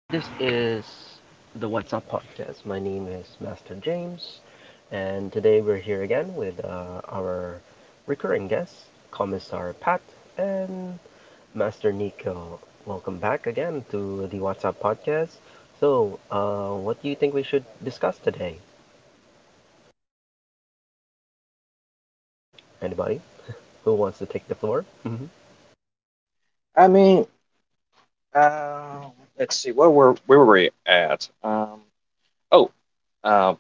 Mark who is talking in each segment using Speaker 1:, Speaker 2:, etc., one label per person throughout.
Speaker 1: This is the What's Up podcast. My name is Master James, and today we're here again with our recurring guests, Commissar Pat and Master Nico. Welcome back again to the What's Up podcast. So, what do you think we should discuss today? Anybody who wants to take the floor? Hmm.
Speaker 2: I mean, uh, let's see, where were we at? Oh, um,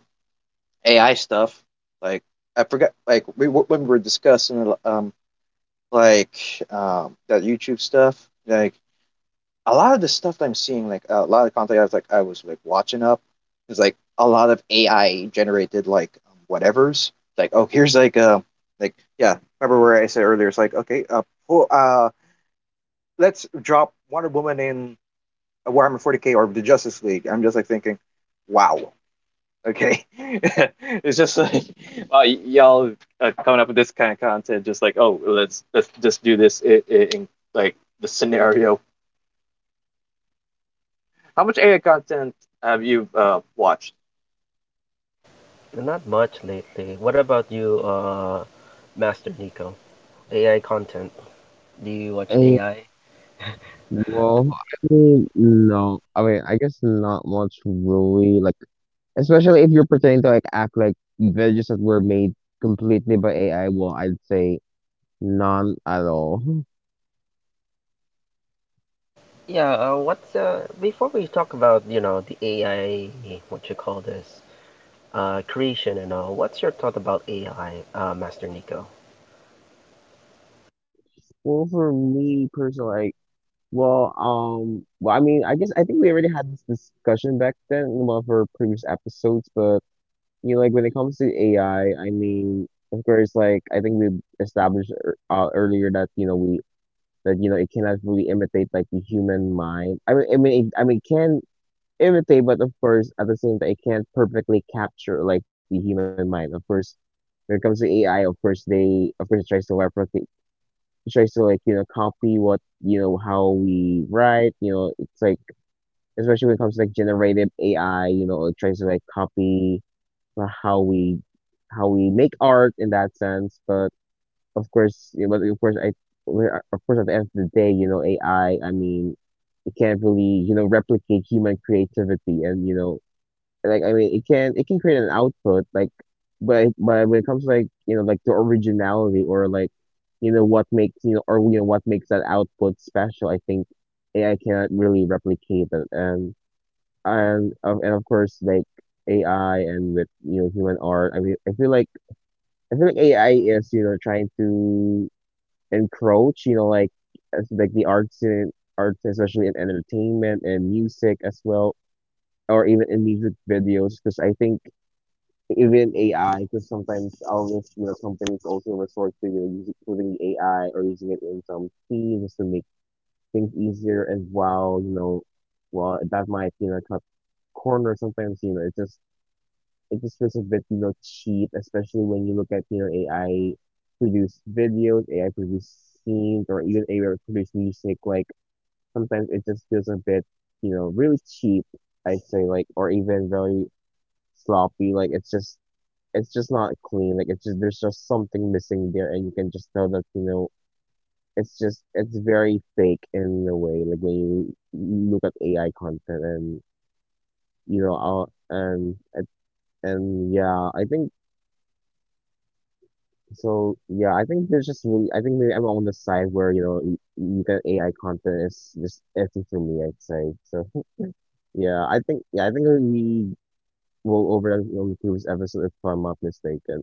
Speaker 2: AI stuff. Like I forgot. Like we when we were discussing that YouTube stuff. Like a lot of the stuff that I'm seeing, like a lot of content I was watching up is like a lot of AI generated whatevers. Like oh, here's like yeah. Remember where I said earlier? It's like okay, pull, uh, let's drop Wonder Woman in Warhammer 40k or the Justice League. I'm just like thinking, wow, okay, it's just like wow, y'all coming up with this kind of content. Just like oh, let's just do this in like the scenario. How much AI content have you watched?
Speaker 1: Not much lately. What about you, Master Nico? AI content. Do you watch
Speaker 3: Oh,
Speaker 1: AI?
Speaker 3: well, I mean, no. I mean, I guess not much really. Like, especially if you're pretending to like act like villages that were made completely by AI. Well, I'd say none at all.
Speaker 1: Yeah, what's before we talk about, you know, the AI, what you call this, creation and all, what's your thought about AI, Master Nico?
Speaker 3: Well, for me personally, like, well, I mean, I guess I think we already had this discussion back then in one of our previous episodes. But you know, like when it comes to AI, I mean, of course, like I think we established earlier that you know it cannot really imitate like the human mind. I mean, it can imitate, but of course, at the same time, it can't perfectly capture like the human mind. Of course, when it comes to AI, of course, it tries to replicate, it tries to like you know copy what you know how we write. You know, it's like especially when it comes to like generative AI, you know, it tries to like copy uh, how we how we make art in that sense, but of course, yeah, but of course, at the end of the day, you know, AI. I mean, it can't really, you know, replicate human creativity, and you know, like I mean, it can create an output, but when it comes to like you know like the originality or like, you know, what makes you know or you know what makes that output special, I think AI cannot really replicate it, and of course like AI and with you know human art, I mean, I feel like AI is you know trying to encroach, you know, like as like the arts in arts, especially in entertainment and music as well, or even in music videos, because I think even AI, because sometimes all this, you know, companies also resort to you know, using AI or using it in some scenes just to make things easier as well, you know, well that might you know cut corners sometimes, you know, it just feels a bit, you know, cheap, especially when you look at, you know, AI produced videos, AI produced scenes, or even AI produced music. Like sometimes it just feels a bit, you know, really cheap, I'd say, like, or even very sloppy. Like it's just not clean. Like it's just there's just something missing there, and you can just tell that, you know, it's very fake in a way, like when you look at AI content and you know, I'll, and yeah, I think. So yeah, I think there's just really I think maybe I'm on the side where you get AI content is just iffy for me, I'd say. So yeah, I think we will over on the previous episode if I'm not mistaken.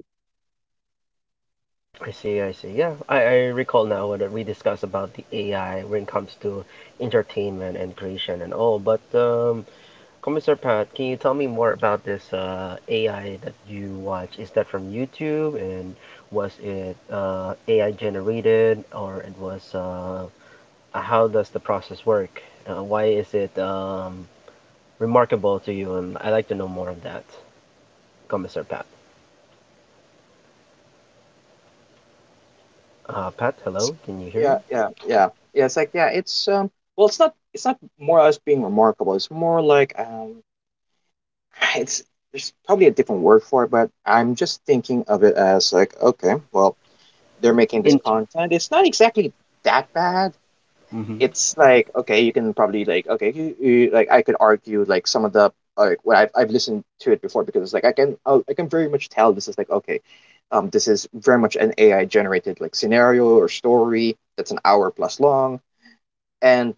Speaker 1: I see, I see. Yeah, I recall now what we discussed about the AI when it comes to entertainment and creation and all. But, Commissar Pat, can you tell me more about this AI that you watch? Is that from YouTube and was it AI generated or it was how does the process work? Why is it remarkable to you? And I'd like to know more of that, Commissar Pat.
Speaker 2: Well,
Speaker 1: Pat,
Speaker 2: it's
Speaker 1: hello, can you hear me?
Speaker 2: yeah, yeah, yeah, yeah. It's like yeah, it's. Well, it's not more or less being remarkable. It's more like it's there's probably a different word for it, but I'm just thinking of it as like okay, well, they're making this
Speaker 1: In.
Speaker 2: content. It's not exactly that bad.
Speaker 1: Mm-hmm.
Speaker 2: It's like okay, you can probably like okay, like I could argue like some of the like what I've listened to it before because it's like I can very much tell this is like okay, this is very much an AI generated like scenario or story that's an hour plus long and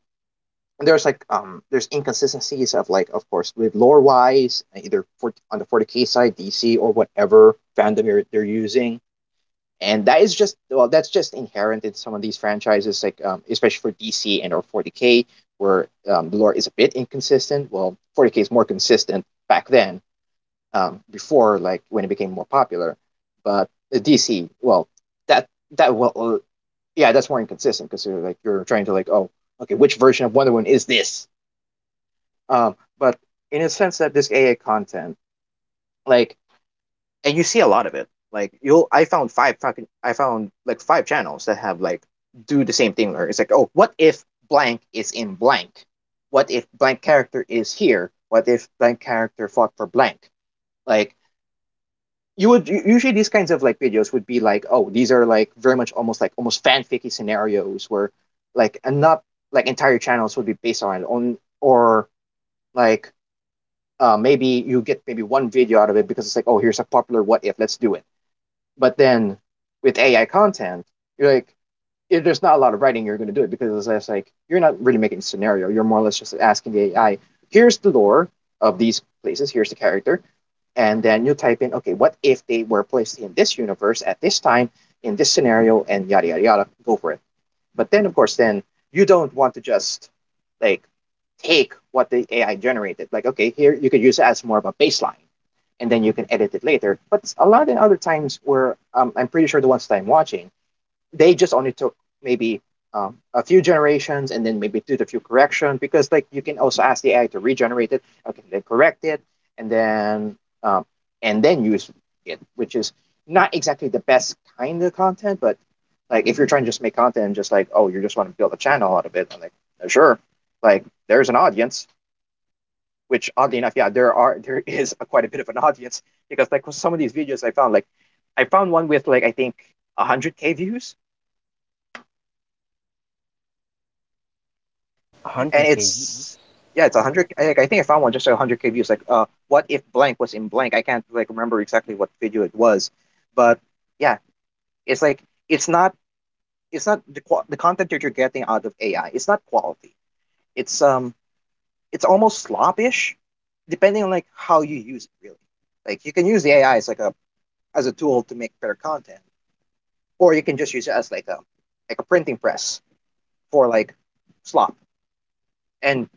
Speaker 2: there's like there's inconsistencies of like of course with lore wise either for on the 40k side DC or whatever fandom they're using and that is just well that's just inherent in some of these franchises like especially for DC and or 40k where the lore is a bit inconsistent well 40k is more consistent back then before like when it became more popular but the DC well that that well yeah that's more inconsistent because you're trying to like oh okay which version of Wonder Woman is this but in a sense that this aa content like and you see a lot of it. Like you'll, I found five fucking, I found like five channels that have like do the same thing. Where it's like, oh, what if blank is in blank? What if blank character is here? What if blank character fought for blank? Like you would usually these kinds of like videos would be like, oh, these are like very much almost like almost fanficky scenarios where like and not like entire channels would be based on or like maybe you get maybe one video out of it because it's like, oh, here's a popular what if, let's do it but then with AI content, you're like, if there's not a lot of writing, you're going to do it because it's just like you're not really making a scenario. You're more or less just asking the AI, here's the lore of these places, here's the character, and then you type in, okay, what if they were placed in this universe at this time in this scenario, and yada yada yada, go for it. But then, of course, then you don't want to just like take what the AI generated. Like, okay, here you could use it as more of a baseline and then you can edit it later. But a lot of other times where I'm pretty sure the ones that I'm watching, they just only took maybe a few generations and then maybe did a few corrections because like you can also ask the AI to regenerate it, okay, then correct it, and then um, use it, which is not exactly the best kind of content, but like if you're trying to just make content and just like oh you just want to build a channel out of it, I'm like sure, like there's an audience, which oddly enough, yeah, there is a, quite a bit of an audience because like some of these videos I found like I found one with like I think 100k views and
Speaker 1: 100 kV.
Speaker 2: it's yeah it's 100 like, I think I found one just like 100k views like what if blank was in blank I can't like remember exactly what video it was but yeah it's like it's not it's not the the content that you're getting out of AI it's not quality it's um it's almost sloppish depending on like how you use it really like you can use the AI as like a as a tool to make better content or you can just use it as like a printing press for like slop. And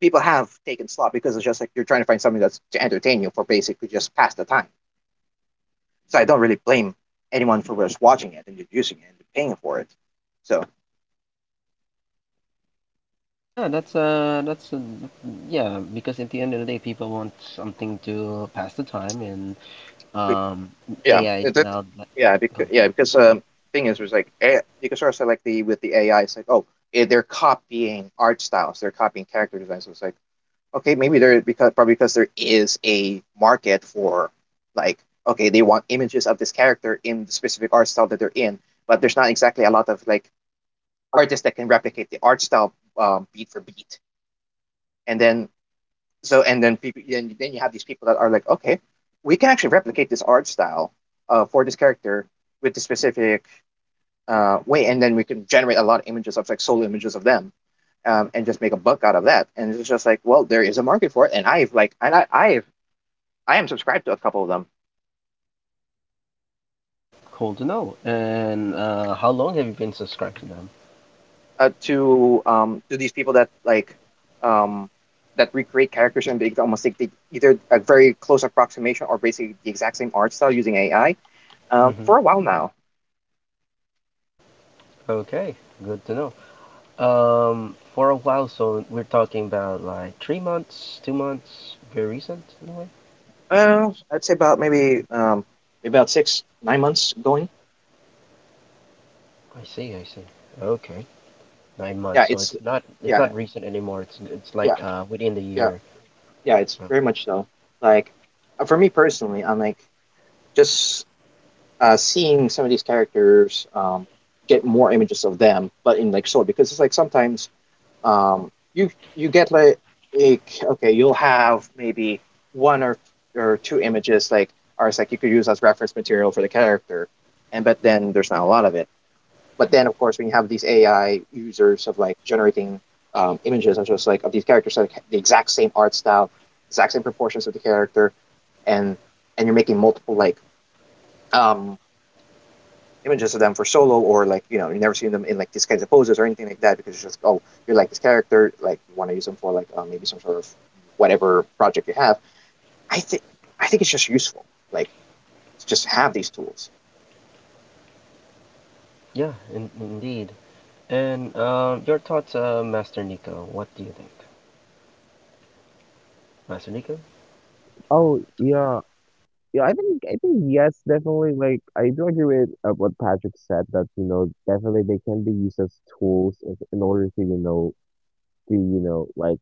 Speaker 2: people have taken slop because it's just like you're trying to find something that's to entertain you for basically just pass the time. So I don't really blame anyone for just watching it and just using it and paying for it. So
Speaker 1: Yeah, that's yeah, because at the end of the day people want something to pass the time and um
Speaker 2: yeah,
Speaker 1: AI is
Speaker 2: it, it-
Speaker 1: now like
Speaker 2: yeah, because was like eh, you can sort of say like the with the AI, it's like oh, eh, they're copying art styles, they're copying character designs. So it's like okay, maybe there because probably because there is a market for like okay, they want images of this character in the specific art style that they're in, but there's not exactly a lot of like artists that can replicate the art style beat for beat. And then so and then then you have these people that are like, okay, we can actually replicate this art style for this character with the specific way, and then we can generate a lot of images of like solo images of them. And just make a buck out of that. And it's just like, well, there is a market for it, and I've like, and I, I've I am subscribed to a couple of them.
Speaker 1: cool to know. And how long have you been subscribed to them?
Speaker 2: To to these people that like um that recreate characters and they almost take the, either a very close approximation or basically the exact same art style using AI
Speaker 1: Mm-hmm.
Speaker 2: for a while now.
Speaker 1: Okay, good to know. For a while, so we're talking about like 3 months, 2 months, very recent in a way.
Speaker 2: I'd say about maybe about 6 9 months going.
Speaker 1: I see, I see. Okay, nine
Speaker 2: Yeah,
Speaker 1: months. So
Speaker 2: it's
Speaker 1: it's not, it's not
Speaker 2: yeah
Speaker 1: recent anymore. It's like
Speaker 2: yeah
Speaker 1: within the
Speaker 2: yeah
Speaker 1: year.
Speaker 2: yeah it's
Speaker 1: Uh,
Speaker 2: very much so. Like for me personally, I'm like just seeing some of these characters get more images of them, but in like sort because it's like sometimes you get like a, okay, you'll have maybe one or two images like or like you could use as reference material for the character, and but then there's not a lot of it. But then of course when you have these AI users of like generating images and just like of these characters like the exact same art style, exact same proportions of the character, and and you're making multiple like um images of them for solo or like you know you never seen them in like these kinds of poses or anything like that because it's just oh you like this character like you want to use them for like maybe some sort of whatever project you have i think I think it's just useful like to just have these tools.
Speaker 1: Yeah, in, indeed. And your thoughts, Master Nico? What do you think, Master Nico?
Speaker 3: Oh yeah, yeah. I think yes, definitely. Like I do agree with what Patrick said that you know definitely they can be used as tools in order to you know like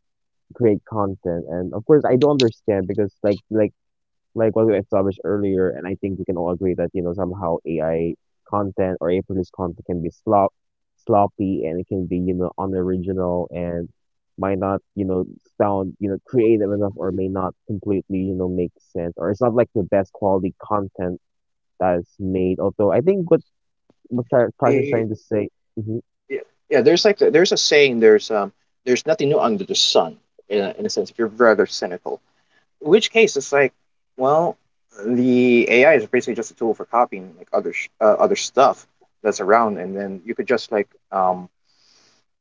Speaker 3: create content, and of course I do understand because like what we established earlier, and I think we can all agree that, you know, somehow AI content or AI produced content can be sloppy, and it can be, you know, unoriginal, and might not, you know, sound, you know, creative enough or may not completely, you know, make sense. Or it's not like the best quality content that is made. Although I think what Prash is
Speaker 2: The-
Speaker 3: trying to say, mm-hmm,
Speaker 2: yeah, yeah there's like there's a saying there's nothing new under the sun in a sense if you're rather cynical in which case it's like well the AI is basically just a tool for copying like other stuff that's around and then you could just like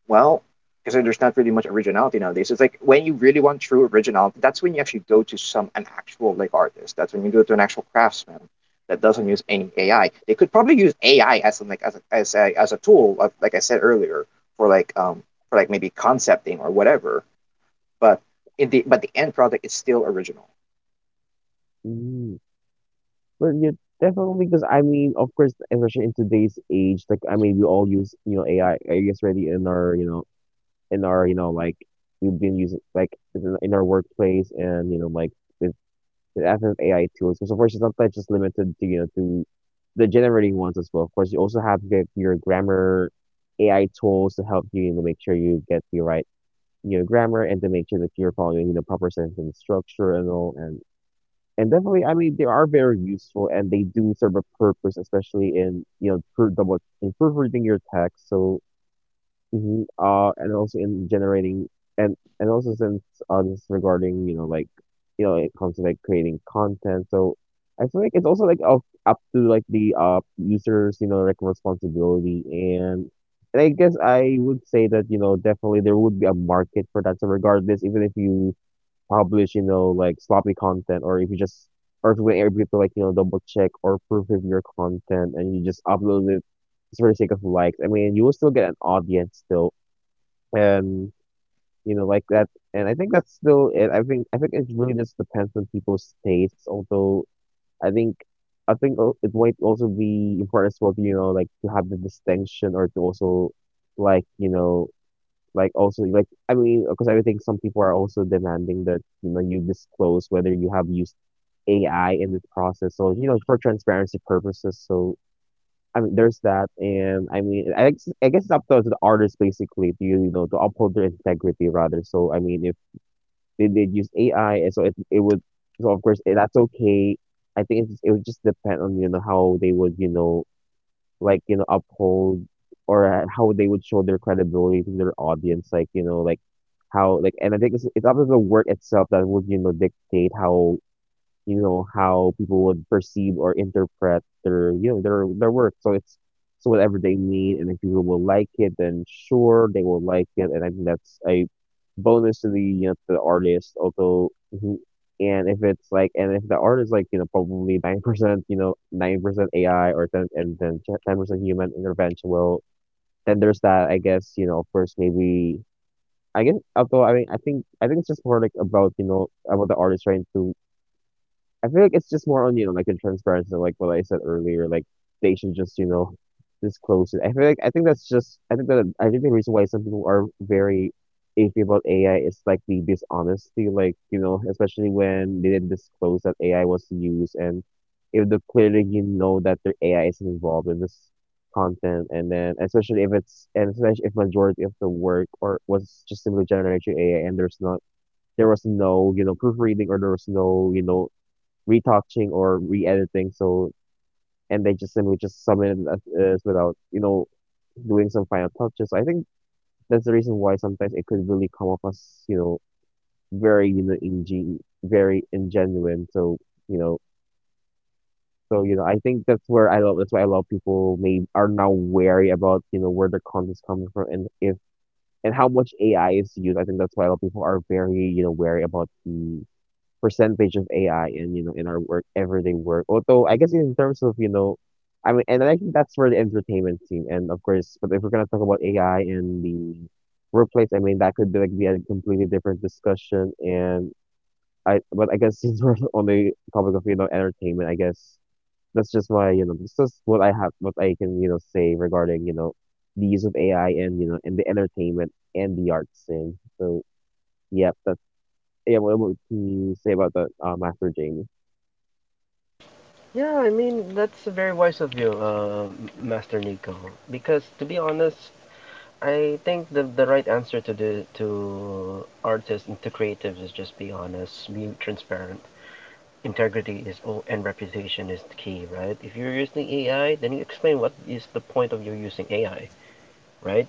Speaker 2: well, because there's not really much originality nowadays. It's like when you really want true originality, that's when you actually go to some an actual like artist. That's when you go to an actual craftsman that doesn't use any AI. They could probably use AI as an, like as a tool, of, like I said earlier, for like um for like maybe concepting or whatever. But in the but the end product is still original.
Speaker 3: mm, well yeah, definitely because I mean of course especially in today's age, like I mean we all use, you know, AI. I guess already in our, you know, in our, you know, like we've been using like in our workplace, and, you know, like the, the advent of AI tools. Because of course, it's not that just limited to, you know, to the generating ones as well. Of course, you also have your grammar AI tools to help you, you know, make sure you get the right, you know, grammar, and to make sure that you're following, you know, proper sentence structure and all. And definitely, I mean, they are very useful, and they do serve a purpose, especially in, you know, in proofreading your text. So uh, and also in generating. And also, since this is regarding you know like you know it comes to like creating content, so I feel like it's also like up to like the users you know like responsibility. And I guess I would say that you know definitely there would be a market for that. So regardless, even if you publish you know like sloppy content, or if you just or if you were able to like you know double check or proof of your content, and you just upload it just for the sake of likes. I mean, you will still get an audience still, and you know like that. And I think that's still it. I think it really just depends on people's tastes, although i think I think it might also be important as well to, you know like to have the distinction, or to also like you know like also like I mean, because I think some people are also demanding that you know you disclose whether you have used AI in this process, so you know for transparency purposes. So I mean, there's that, and I mean, I guess it's up to the artist basically to you know to uphold their integrity rather. So I mean, if they did use AI, and so it would, so of course eh, that's okay. I think it's, it would just depend on you know how they would you know like you know uphold, or how they would show their credibility to their audience, like you know like how like. And I think it's up to the work itself that would you know dictate how you know, how people would perceive or interpret their, you know, their work. So it's so whatever they need, and if people will like it, then sure they will like it, and I think that's a bonus to the you know, to the artist. Although, And if it's like, and if the art is like, you know, probably 9%, you know, 9% AI or ten, and then 10% human intervention, well, then there's that. I guess you know, of course, maybe. I guess, although I mean, I think it's just more like about you know about the artist trying to. I feel like it's just more on, you know, like the transparency, so, like what I said earlier, like they should just, you know, disclose it. I feel like I think that's just I think that I think the reason why some people are very iffy about AI is like the dishonesty, like, you know, especially when they didn't disclose that AI was used, and if the clearly you know that their AI is involved in this content, and then especially if it's and especially if majority of the work or was just simply generated through AI, and there was no, you know, proofreading or there was no, you know, retouching or re-editing. So and they just simply just submit it as is without you know doing some final touches. I think that's the reason why sometimes it could really come off as you know very you know ingen very ingenuine. So you know you know I think that's where I love that's why a lot of people may are now wary about you know where their content's coming from, and if and how much AI is used. I think that's why a lot of people are very you know wary about the percentage of AI in you know in our work everyday work. Although I guess in terms of you know, I mean, and I think that's for the entertainment scene, and of course, but if we're gonna talk about AI in the workplace, I mean that could be be a completely different discussion. And I but I guess since we're on the topic of you know entertainment, I guess that's just why you know this is what I can you know say regarding you know the use of AI, and you know in the entertainment and the arts scene. So yeah, that's yeah. What would you say about that, Master Jamie?
Speaker 1: Yeah, I mean that's very wise of you, M- Master Nico. Because to be honest, I think the right answer to the to artists and to creatives is just be honest, be transparent. Integrity is all, and reputation is the key, right? If you're using AI, then you explain what is the point of you using AI, right?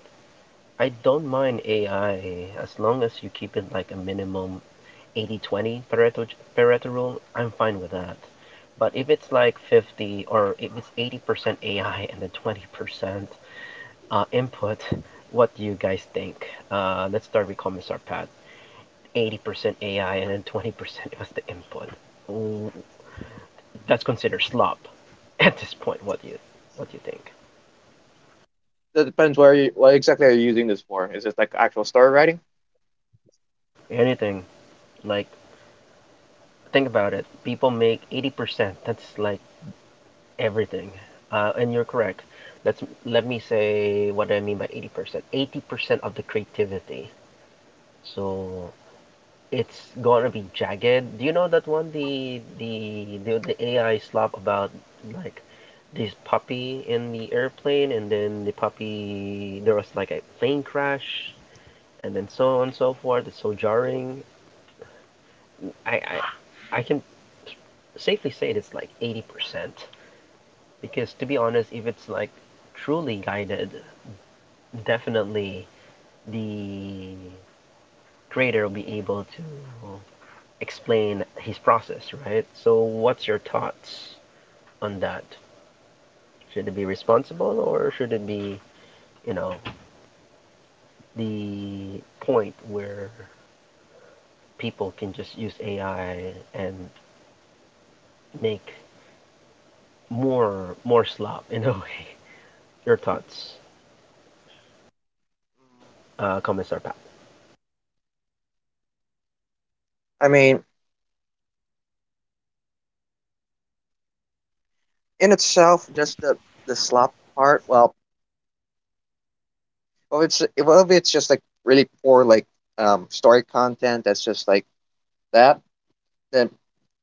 Speaker 1: I don't mind AI as long as you keep it like a minimum 80/20 Pareto rule. I'm fine with that. But if it's like 50 or if it's 80% AI and then 20% input, what do you guys think? Let's start with comments are 80% AI and then 20% was the input. Mm, that's considered slop at this point. What do you think?
Speaker 2: That depends where you what exactly are you using this for? Is it like actual story writing?
Speaker 1: Anything like think about it. People make 80%. That's like everything. And you're correct. Let's let me say what I mean by 80%. 80% of the creativity. So it's gonna be jagged. Do you know that one the AI slop about like this puppy in the airplane and then the puppy there was like a plane crash and then so on and so forth. It's so jarring. I I, I can safely say it, it's like 80% because to be honest, if it's like truly guided, definitely the creator will be able to explain his process, right? So what's your thoughts on that? Should it be responsible or should it be, you know, the point where people can just use AI and make more slop in a way? Your thoughts, Commissar Pat.
Speaker 2: I mean, in itself, just the slop part. If it's just like really poor like story content that's just like that, then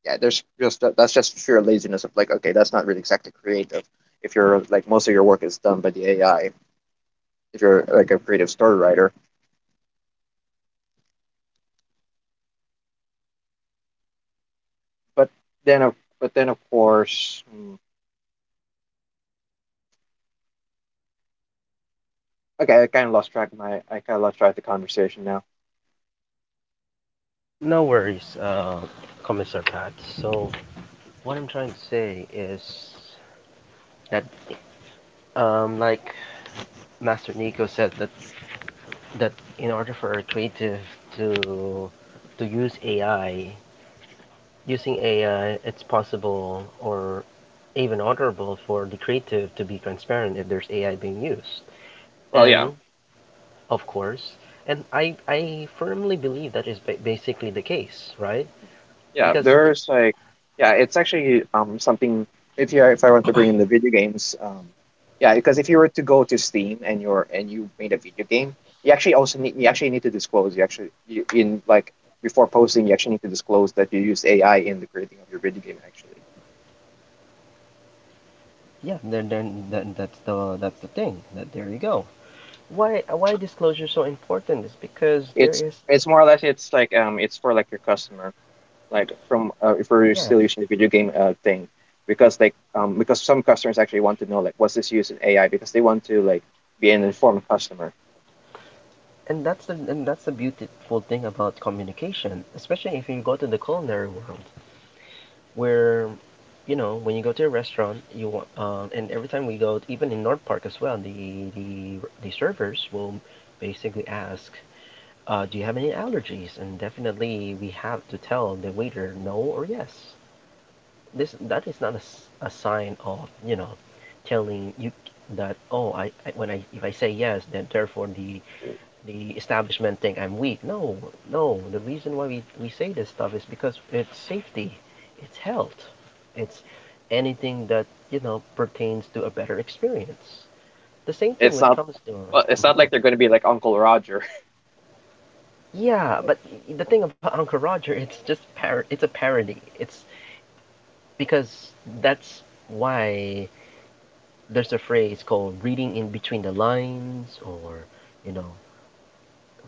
Speaker 2: yeah, there's just that's just sheer laziness of like okay, that's not really exactly creative. If you're like most of your work is done by the AI, if you're like a creative story writer, but but then of course, hmm, okay, I kind of lost track of my I kind of lost track of the conversation now.
Speaker 1: No worries, Commissar Pat. So what I'm trying to say is that, like Master Nico said, that in order for a creative to to use AI, using AI, it's possible or even honorable for the creative to be transparent if there's AI being used.
Speaker 2: Well, yeah,
Speaker 1: And of course, and I firmly believe that is ba- basically the case, right?
Speaker 2: Yeah,
Speaker 1: Because it,
Speaker 2: there's like, yeah, it's actually something. If I want to bring in the video games, yeah, because if you were to go to Steam and you made a video game, you actually need to disclose you actually you, in like before posting you actually need to disclose that you use AI in the creating of your video game. Actually,
Speaker 1: yeah, then that's the that's the thing. That there you go. Why disclosure is so important is because there
Speaker 2: it's
Speaker 1: is
Speaker 2: it's more or less it's for like your customer, like from, if we're
Speaker 1: yes
Speaker 2: still using the video game thing, because some customers actually want to know, like, was this used in AI, because they want to like be an informed customer.
Speaker 1: and that's the beautiful thing about communication, especially if you go to the culinary world, where you know when you go to a restaurant, you want and every time we go, even in North Park as well, the servers will basically ask, "Do you have any allergies?" And definitely we have to tell the waiter no or yes. This that is not a, s- a sign of you know telling you that oh I when I if I say yes then therefore the establishment think I'm weak. No, no. The reason why we say this stuff is because it's safety, it's health, it's anything that, you know, pertains to a better experience. The same thing
Speaker 2: It's
Speaker 1: with
Speaker 2: not.
Speaker 1: comes to
Speaker 2: Well, it's not like they're going to be like Uncle Roger.
Speaker 1: yeah, but the thing about Uncle Roger, it's just par- it's a parody. It's because that's why there's a phrase called reading in between the lines or, you know,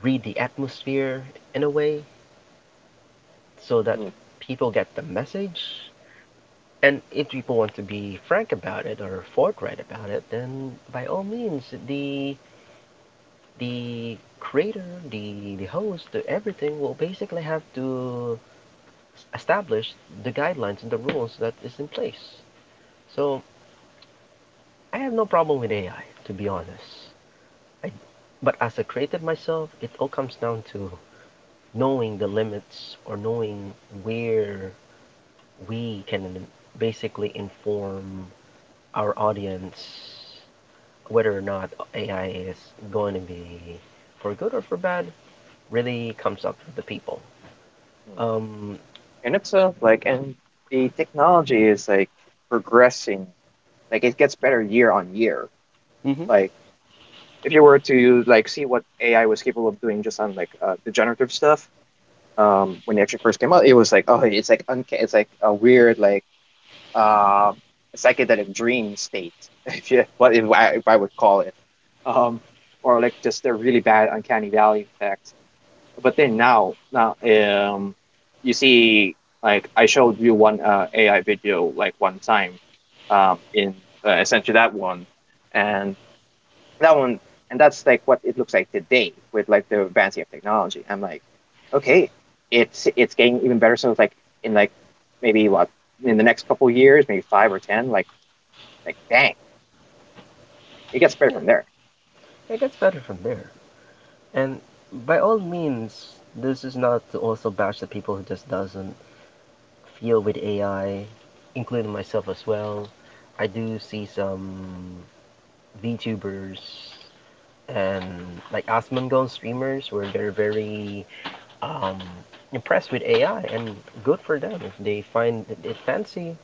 Speaker 1: read the atmosphere in a way so that
Speaker 2: Mm,
Speaker 1: people get the message. And if people want to be frank about it or forthright about it, then by all means, the creator, the host, everything will basically have to establish the guidelines and the rules that is in place. So I have no problem with AI, to be honest. I, but as a creative myself, it all comes down to knowing the limits or knowing where we can basically inform our audience whether or not AI is going to be for good or for bad really comes up to the people.
Speaker 2: mm.
Speaker 1: Um,
Speaker 2: And the technology is like progressing. Like it gets better year on year.
Speaker 1: Mm-hmm.
Speaker 2: Like if you were to like see what AI was capable of doing just on like, the generative stuff, when it actually first came out, it was like, oh, it's like it's like a weird, like, uh, psychedelic dream state, if you what if I would call it, um, or like just a really bad uncanny valley effect. But then now, you see, like I showed you one, AI video, like, one time, in I sent you that one, and that one and that's like what it looks like today with like the advancing of technology. I'm like, okay, it's getting even better, so it's like in like, maybe what, in the next couple of years, maybe five or ten, like dang, it gets better
Speaker 1: Yeah,
Speaker 2: from there.
Speaker 1: it gets better from there. And by all means, this is not to also bash the people who just doesn't feel with AI, including myself as well. I do see some VTubers and like Asmongold streamers where they're very um, impressed with AI, and good for them if they find it fancy.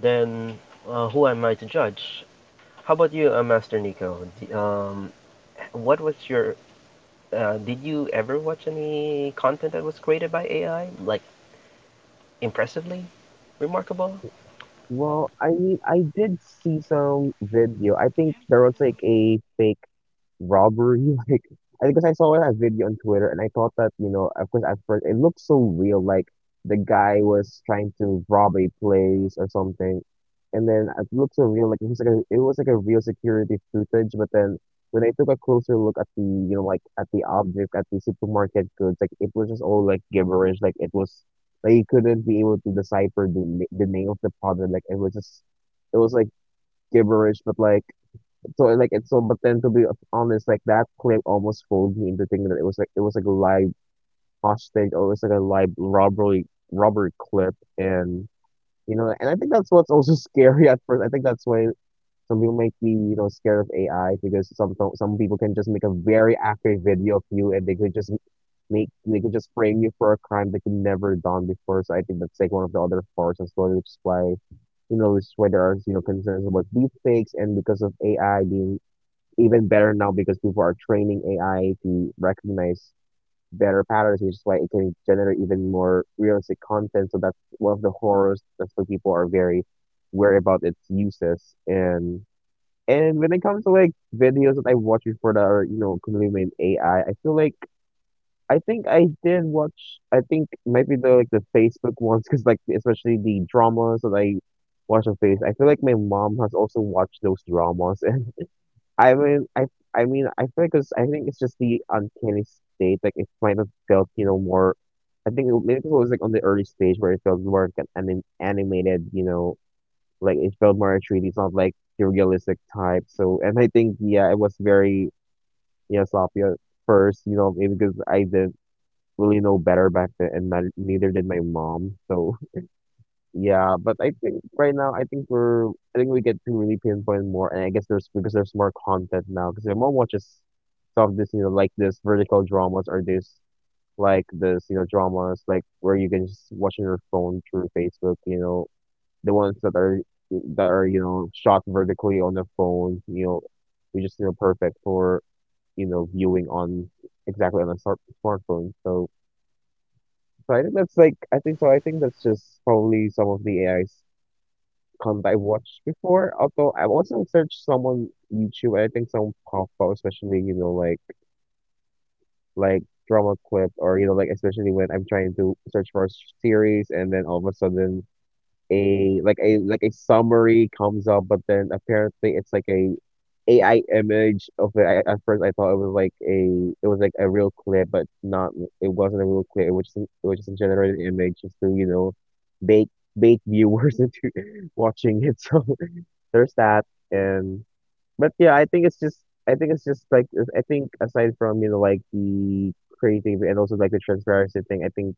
Speaker 1: Then who am I to judge? How about you, Master Nico? D- what was your? Did you ever watch any content that was created by AI, like impressively, remarkable?
Speaker 3: Well, I mean, I did see some video. I think there was like a fake robbery. Like, I because I saw that video on Twitter, and I thought that, you know, of course, at first it looked so real. Like the guy was trying to rob a place or something, and then it looked so real. Like it was like a, it was like a real security footage. But then when I took a closer look at the, you know, like at the object at the supermarket goods, like it was just all like gibberish. Like it was, I couldn't be able to decipher the the name of the product. Like it was just, it was like gibberish. But like so, like it's so. But then to be honest, like that clip almost fooled me into thinking that it was like a live hostage or it was like a live robbery clip. And you know, and I think that's what's also scary at first. I think that's why some people might be, you know, scared of AI because some people can just make a very accurate video of you and they could just make they could just frame you for a crime that you never done before. So I think that's like one of the other parts as well, which is why, you know, which is why there are, you know, concerns about deepfakes and because of AI being even better now because people are training AI to recognize better patterns, which is why it can generate even more realistic content. So that's one of the horrors. That's why people are very worried about its uses and and when it comes to like videos that I watched before that are, you know, completely made AI, I feel like, I think I did watch, I think maybe the, like the Facebook ones because, like especially the dramas that I watch on Facebook. I feel like my mom has also watched those dramas and I mean I I mean I feel like 'cause I think it's just the uncanny state, like it might have felt, you know, more, I think it, maybe it was like on the early stage where it felt more like an animated, you know, like it felt more true. It's not like the realistic type. So and I think, yeah, it was very, yeah, sloppy at first, you know, maybe because I didn't really know better back then, and not, neither did my mom. So yeah, but I think right now, I think we're I think we get to really pinpoint more, and I guess there's, because there's more content now because my mom watches some of this, you know, like this vertical dramas or this like this, you know, dramas like where you can just watch on your phone through Facebook, you know, the ones that are, that are, you know, shot vertically on the phone. You know, are just, you know, perfect for, you know, viewing on, exactly on a smartphone. So so I think that's like, I think that's just probably some of the AI's content I've watched before. Although I've also searched some on YouTube and I think some pop up, especially, you know, like drama clips or, you know, like especially when I'm trying to search for a series and then all of a sudden a like a summary comes up, but then apparently it's like a AI image of it. I, at first, I thought it was like a, it was like a real clip, but not. It wasn't a real clip. It was just a generated image, just to, you know, bait bait viewers into watching it. So there's that, and but yeah, I think it's just like, I think aside from, you know, like the creating and also like the transparency thing, I think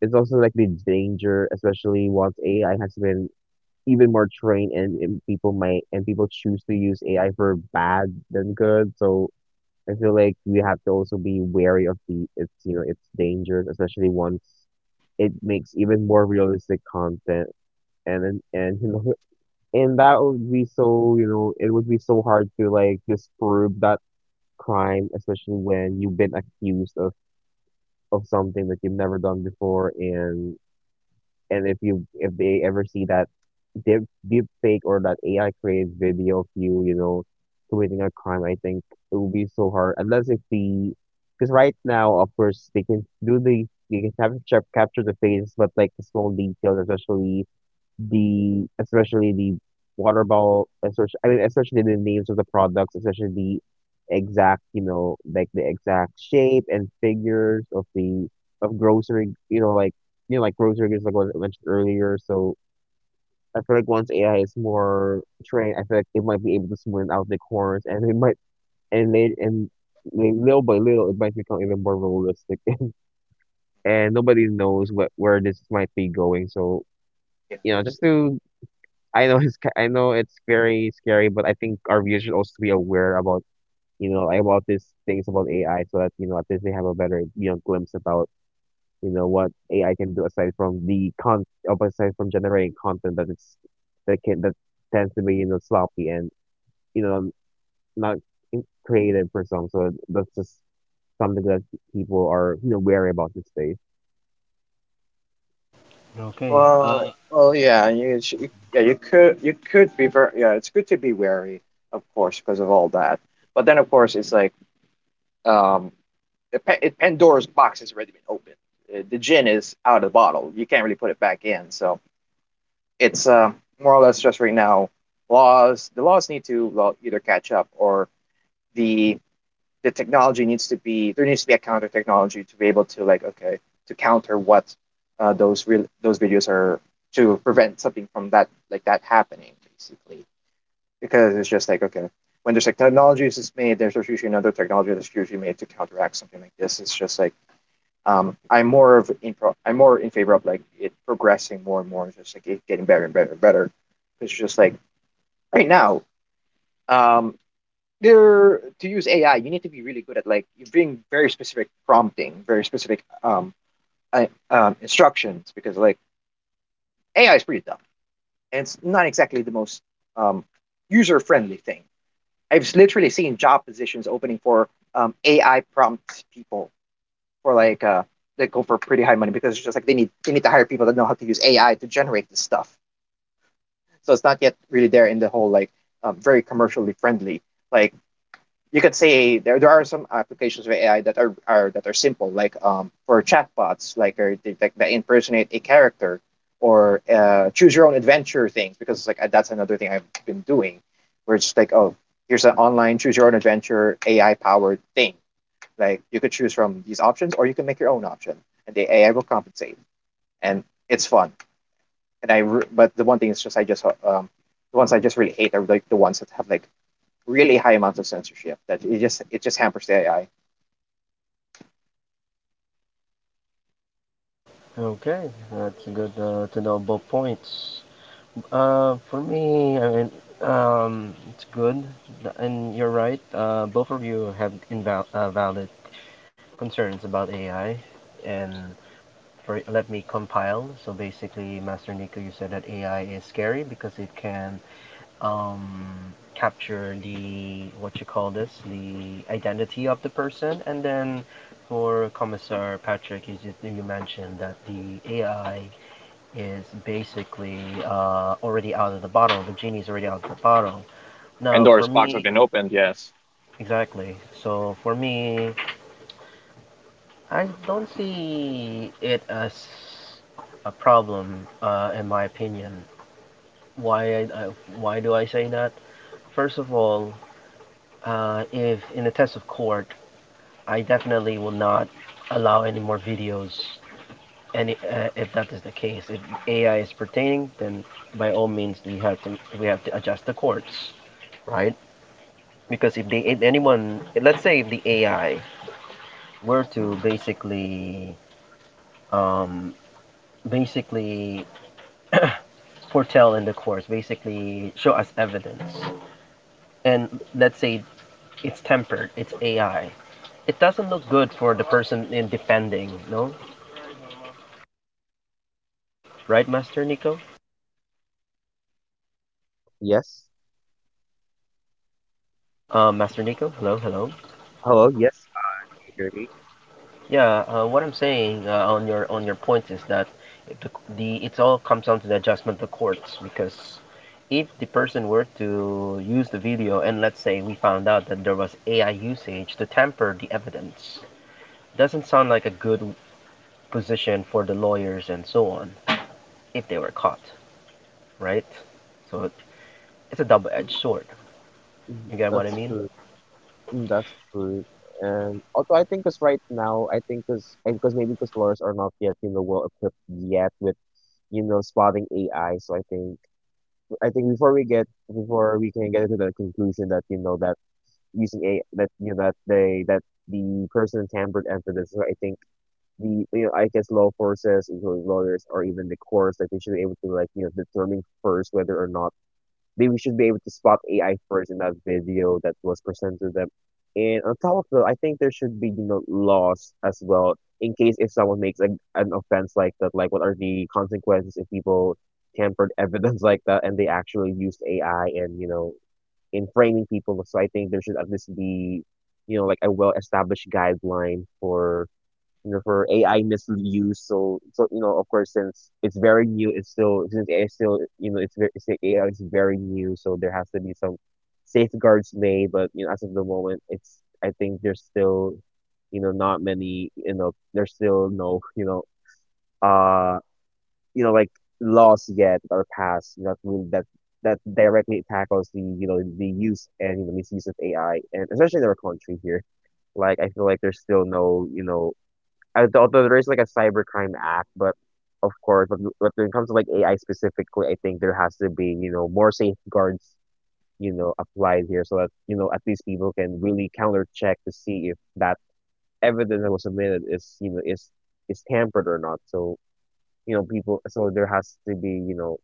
Speaker 3: it's also like the danger, especially once AI has been even more trained and people might and people choose to use AI for bad than good. So I feel like we have to also be wary of the, it's, you know, it's dangers, especially once it makes even more realistic content and and you know and that would be so, you know, it would be so hard to like disprove that crime, especially when you've been accused of something that you've never done before and if you, if they ever see that deep deep fake or that AI creates video of you, you know, committing a crime, I think it will be so hard unless if the, because right now, of course, they can do the, they can capture the faces, but like the small details, especially the water bottle, especially, I mean, especially the names of the products, especially the exact, you know, like the exact shape and figures of the of grocery, you know, like, you know, like grocery goods, like what I mentioned earlier. So I feel like once AI is more trained, I feel like it might be able to smooth out the corners, and it might and they and li- little by little, it might become even more realistic. And nobody knows what where this might be going. So
Speaker 2: Yeah.
Speaker 3: you know, just to, I know it's I know it's very scary, but I think our viewers should also be aware about, you know, about these things about AI, so that, you know, at least they have a better, you know, glimpse about, you know, what AI can do aside from the con of aside from generating content that it's, that tends to be, you know, sloppy and, you know, not creative for some. So that's just something that people are, you know, wary about these days.
Speaker 1: Okay.
Speaker 2: Well, yeah, you, yeah, you could be very, yeah, it's good to be wary, of course, because of all that. But then, of course, it's like, um, Pandora's box has already been opened. The gin is out of the bottle. You can't really put it back in. So, it's, more or less just right now, laws the laws need to, well, either catch up or the the technology needs to be there needs to be a counter technology to be able to, like, okay, to counter what, those videos are, to prevent something from that, like, that happening, basically, because it's just like, okay, when there's like technologies is made, there's usually another technology that's usually made to counteract something like this. It's just like, I'm more in favor of like it progressing more and more, just like it getting better and better and better. It's just like right now, um, there, to use AI, you need to be really good at, like, you being very specific prompting, very specific, instructions, because like AI is pretty dumb, and it's not exactly the most, um, user friendly thing. I've literally seen job positions opening for, AI prompt people, for like, they go for pretty high money because it's just like they need to hire people that know how to use AI to generate this stuff. So it's not yet really there in the whole, like, very commercially friendly. Like you could say there are some applications of AI that are that are simple, like, for chatbots, like that impersonate a character, or, choose your own adventure things, because it's like, that's another thing I've been doing, where it's just like, oh, here's an online choose your own adventure AI powered thing. Like, you could choose from these options, or you can make your own option, and the AI will compensate, and it's fun. But the one thing is, just, I just the ones I just really hate are like the ones that have like really high amounts of censorship, that it just hampers the AI.
Speaker 1: Okay, that's good to know both points. For me, I mean, it's good, and you're right. Both of you have inval- valid concerns about AI, and for let me compile. So basically, Master Nico, you said that AI is scary because it can um, capture the what you call this, the identity of the person, and then for Commissar Patrick, you just you mentioned that the AI is basically already out of the bottle. The genie's already out of the bottle. Now,
Speaker 2: Pandora's
Speaker 1: for
Speaker 2: box has
Speaker 1: me,
Speaker 2: been opened. Yes.
Speaker 1: exactly. So for me, I don't see it as a problem, in my opinion. Why why do I say that? First of all, if in a test of court, I definitely will not allow any more videos. And if that is the case, if AI is pertaining, then by all means we have to adjust the courts, right? Because if they if anyone, let's say if the AI were to basically um, basically foretell in the course, basically show us evidence. And let's say it's tempered, it's AI. It doesn't look good for the person in defending, no? Right, Master Nico?
Speaker 3: Yes.
Speaker 1: Master Nico, hello, hello.
Speaker 3: Hello. Yes. Can you hear me?
Speaker 1: Yeah, what I'm saying on your point is that if the, the it all comes down to the adjustment of the courts because if the person were to use the video and let's say we found out that there was AI usage to tamper the evidence, doesn't sound like a good position for the lawyers and so on if they were caught, right? So it's a double-edged sword.
Speaker 3: Mm,
Speaker 1: You get what I
Speaker 3: that's
Speaker 1: mean?
Speaker 3: true. Mm, that's true. And although I think because right now, I think because and because maybe because lawyers are not yet, you know, well equipped yet with, you know, spotting AI. So I think, I think before we get, before we can get to the conclusion that, you know, that using a, that, you know, that they, that the person tampered and for this, I think the, you know, I guess law forces, including lawyers or even the courts, like they should be able to like, you know, determine first whether or not they we should be able to spot AI first in that video that was presented to them. And on top of that, I think there should be, you know, laws as well in case if someone makes a, an offense like that, like what are the consequences if people tampered evidence like that and they actually used AI and, you know, in framing people. So I think there should at least be, you know, like a well-established guideline for, you know, for AI misuse. So, so you know, of course, since it's very new, it's still, since AI still, you know, AI is very new, so there has to be some safeguards made. But you know, as of the moment, it's, I think there's still, you know, not many, you know, there's still no uh you know like laws yet are passed that will that directly tackles the, you know, the use and, you know, misuse of AI and especially in our country here. Like I feel like there's still no, you know, although there is like a cybercrime act, but of course, but when it comes to like AI specifically, I think there has to be, you know, more safeguards, you know, applied here so that, you know, at least people can really counter check to see if that evidence that was submitted is, you know, is tampered or not. So, you know, people, so there has to be, you know,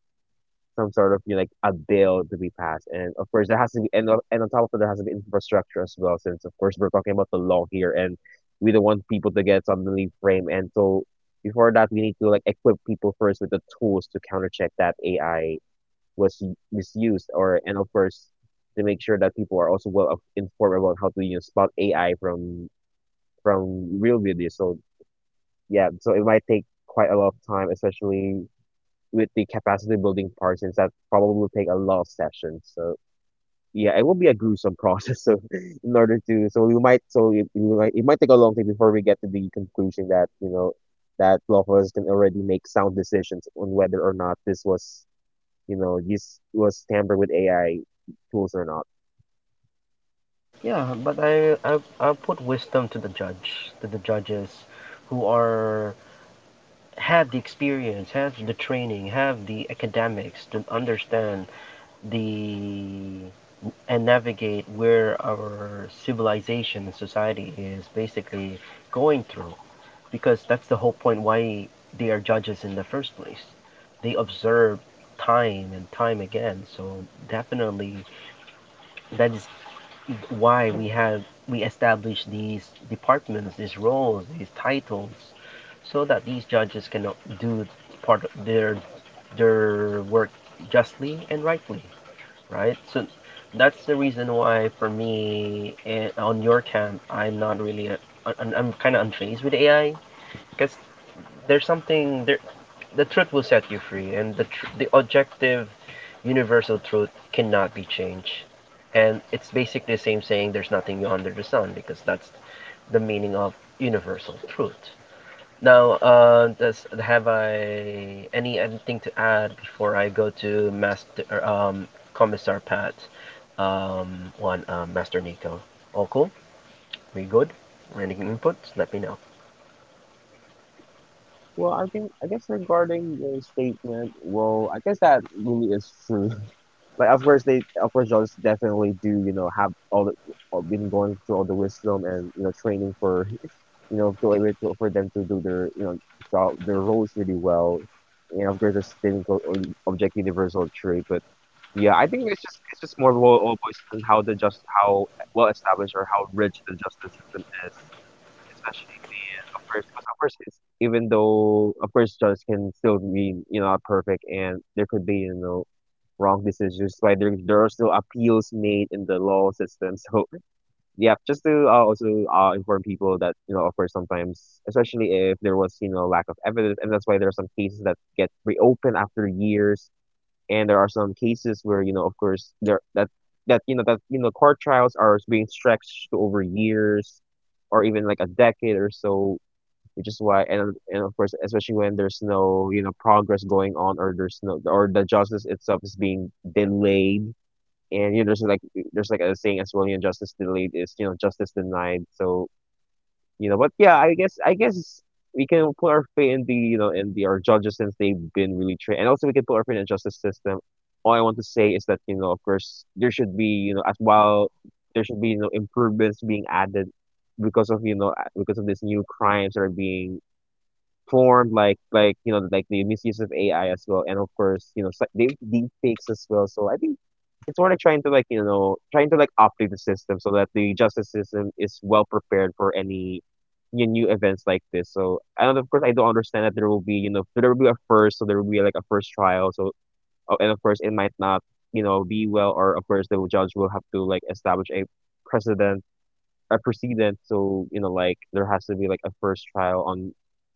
Speaker 3: some sort of, you know, like a bill to be passed, and of course there has to be, and on top of it there has to be infrastructure as well, since of course we're talking about the law here, and we don't want people to get suddenly framed, and so before that we need to like equip people first with the tools to countercheck that AI was misused, or, and of course to make sure that people are also well informed about how to, you know, spot AI from real videos. So yeah, so it might take quite a lot of time, especially with the capacity building parts, since that probably will take a lot of sessions. So yeah, it will be a gruesome process. So in order to, so we might, so it, we might, It might take a long time before we get to the conclusion that that Lofos can already make sound decisions on whether or not this was this was tampered with AI tools or not.
Speaker 1: Yeah, but I put wisdom to the judge, to the judges who are have the experience, have the training, have the academics to understand the and navigate where our civilization and society is basically going through because that's the whole point why they are judges in the first place, they observe time and time again. So definitely that is why we have we establish these departments, these roles, these titles so that these judges can do part of their work justly and rightly, right? So that's the reason why, for me, eh, on your camp, I'm not really, a, un- I'm kind of unfazed with AI because there's something there. The truth will set you free, and the tr- the objective, universal truth cannot be changed. And it's basically the same saying: "There's nothing new under the sun," because that's the meaning of universal truth. Now, does have I any anything to add before I go to Master Commissar Pat, one Master Nico? All cool? We good? Any inputs? Let me know.
Speaker 3: Well, I think I guess regarding your statement, well, I guess that really is true. Like, of course, Jones definitely do, have all the, all been going through all the wisdom and training for, to able to, for them to do their, job, their roles really well. And of course, there's things called object universal truth. But yeah, I think it's just more of all boys and how the just how well established or how rich the justice system is, especially when of course because of course it's, even though of course judges can still be not perfect and there could be wrong decisions why there are still appeals made in the law system. So yeah, just to also inform people that of course sometimes, especially if there was lack of evidence, and that's why there are some cases that get reopened after years. And there are some cases where of course there that that court trials are being stretched to over years or even like a decade or so, which is why, and of course especially when there's no progress going on or there's no, or the justice itself is being delayed, and there's like a saying as well, justice delayed is justice denied. So. But yeah, I guess we can put our faith in the in the our judges since they've been really trained, and also we can put our faith in the justice system. All I want to say is that of course, there should be as well, there should be improvements being added because of because of these new crimes that are being form like the misuse of AI as well, and of course they deep fakes as well. So I think it's more like trying to like you know trying to like update the system so that the justice system is well prepared for any new events like this. So and of course I do understand that there will be there will be a first, so there will be like a first trial. So and of course it might not be well, or of course the judge will have to like establish a precedent, a precedent, so like there has to be like a first trial on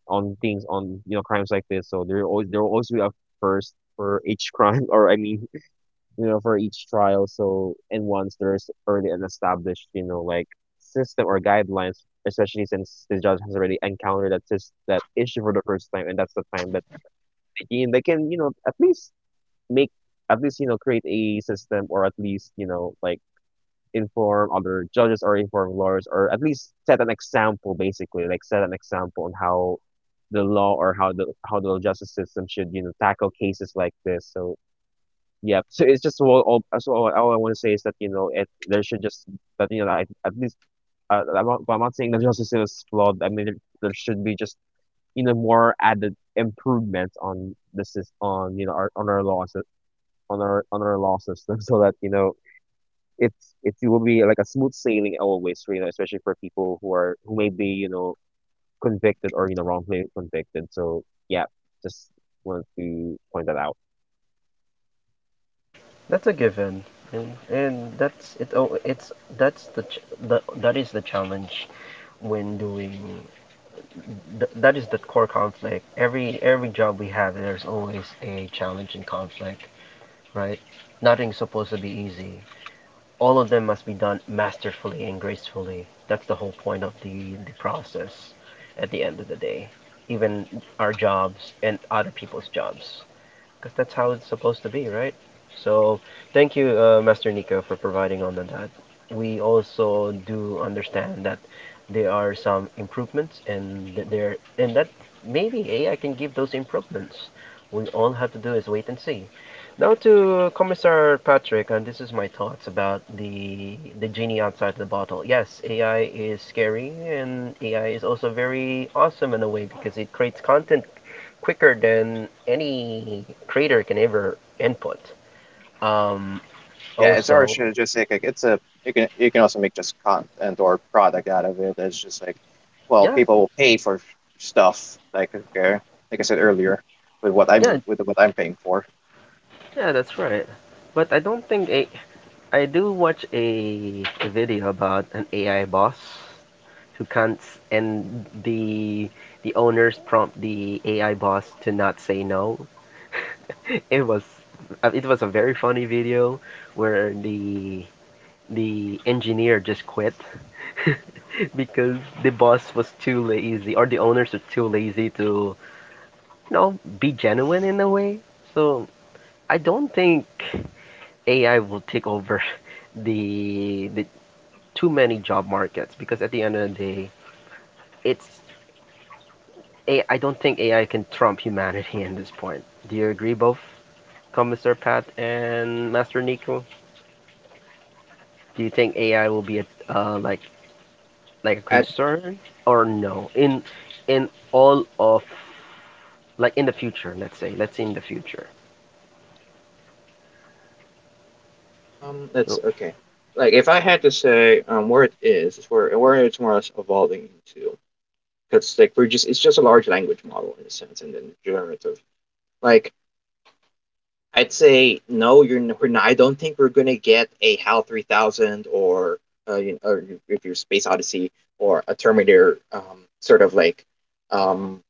Speaker 3: on things on crimes like this, so there will always be a first for each crime. Or I mean, for each trial. So and once there's already an established like system or guidelines, especially since the judge has already encountered that issue for the first time, and that's the time that they can at least make, at least create a system or at least like inform other judges or inform lawyers or at least set an example, basically like set an example on how the law or how the justice system should tackle cases like this. So yeah, so it's just all so all I want to say is that it there should just that like, at least I'm not saying the justice system is flawed. I mean there should be just more added improvements on this is on our, on our laws on our law system. So that it will be like a smooth sailing always, especially for people who are who may be convicted or wrongfully convicted. So yeah, just wanted to point that out.
Speaker 1: That's a given, and that's it. Oh, it's that's the ch- the that is the challenge when doing th- that is the core conflict. Every job we have, there's always a challenge and conflict, right? Nothing's supposed to be easy. All of them must be done masterfully and gracefully. That's the whole point of the process at the end of the day. Even our jobs and other people's jobs, because that's how it's supposed to be, right? So thank you, Master Nico, for providing on that. We also do understand that there are some improvements, and there and that maybe AI can give those improvements. We all have to do is wait and see. Now to Commissar Patrick, and this is my thoughts about the genie outside the bottle. Yes, AI is scary, and AI is also very awesome in a way because it creates content quicker than any creator can ever input. Um,
Speaker 2: Yeah, it's or
Speaker 1: Also,
Speaker 2: should just, like, it's a you can also make just content or product out of it. It's just like, well,
Speaker 1: yeah,
Speaker 2: people will pay for stuff, like, okay, like I said earlier,
Speaker 1: yeah,
Speaker 2: with what I'm paying for.
Speaker 1: yeah, that's right. But I don't think a I do watch a video about an AI boss who can't, and the owners prompt the AI boss to not say no. It was it was a very funny video where the engineer just quit because the boss was too lazy or the owners are too lazy to be genuine in a way. So I don't think AI will take over the too many job markets, because at the end of the day, it's a I don't think AI can trump humanity in this point. Do you agree, both Commissar Pat and Master Nico? Do you think AI will be a uh, like like a
Speaker 2: I
Speaker 1: concern, or no, in all of, like, in the future? Let's say in the future, so.
Speaker 2: That's okay. Like if I had to say, where it is where it's more or less evolving into. Because like, we're just it's just a large language model in a sense, and then generative. Like I'd say no, we're not, I don't think we're gonna get a HAL 3,000 or, or if you're Space Odyssey or a Terminator, sort of like, um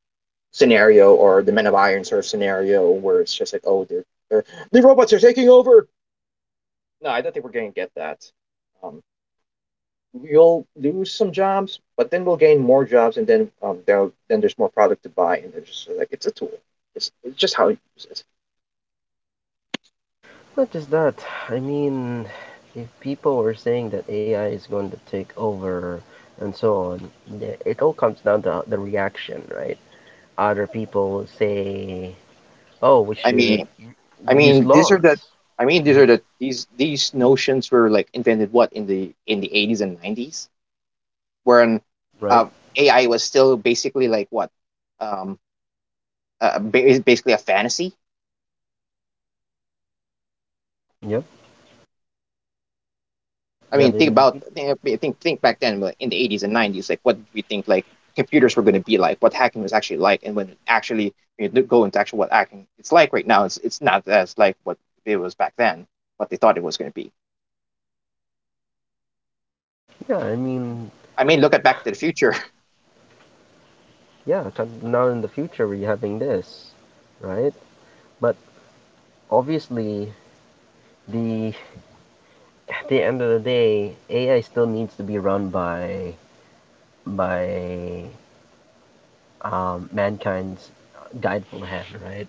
Speaker 2: scenario, or the Men of Iron sort of scenario where it's just like, oh, they're the robots are taking over. No, I don't think we're gonna get that. Um, you'll lose some jobs, but then we'll gain more jobs, and then, there's more product to buy, and they're just like, it's a tool. It's just how you use it.
Speaker 1: Not just that. I mean, if people were saying that AI is going to take over and so on, it all comes down to the reaction, right? Other people say, "Oh, we
Speaker 2: I
Speaker 1: should
Speaker 2: mean, I
Speaker 1: use
Speaker 2: mean,
Speaker 1: laws,"
Speaker 2: these notions were like invented, what, in the eighties and nineties, when,
Speaker 1: right?
Speaker 2: uh, AI was still basically um, basically a fantasy.
Speaker 1: Yep.
Speaker 2: I
Speaker 1: Yeah,
Speaker 2: mean,
Speaker 1: but
Speaker 2: think about think back then, like, in the 80s and nineties, like what did we think like computers were going to be like, what hacking was actually like, and when it actually, go into actual what hacking it's like right now, it's not as like what it was back then, what they thought it was going to be.
Speaker 1: yeah. I mean,
Speaker 2: I mean, look at Back to the Future.
Speaker 1: yeah. Now in the future, we're having this, right? But obviously, the at the end of the day, AI still needs to be run by by mankind's guideful hand, right?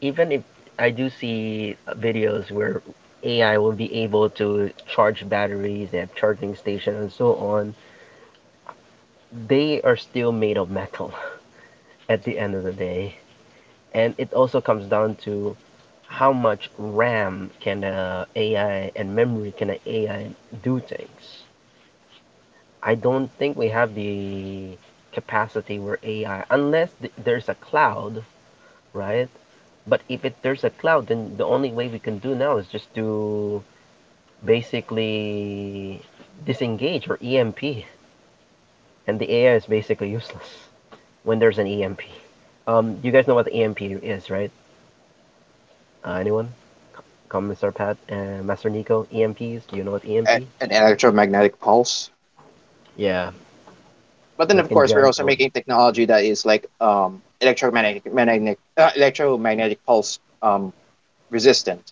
Speaker 1: Even if I do see videos where AI will be able to charge batteries, they have charging stations and so on, they are still made of metal at the end of the day. And it also comes down to how much RAM can a AI and memory can an a AI do things. I don't think we have the capacity where AI, unless there's a cloud, right? But if it, there's a cloud, then the only way we can do now is just to basically disengage or EMP, and the AI is basically useless when there's an EMP. You guys know what the EMP is, right? Anyone? Commissar Pat and Master Nico, EMPs. Do you know what
Speaker 2: And
Speaker 1: EMP?
Speaker 2: an electromagnetic pulse.
Speaker 1: Yeah,
Speaker 2: But then,
Speaker 1: that
Speaker 2: of
Speaker 1: can
Speaker 2: course, we're
Speaker 1: jam
Speaker 2: also
Speaker 1: down.
Speaker 2: making technology that is like, electromagnetic pulse, resistant.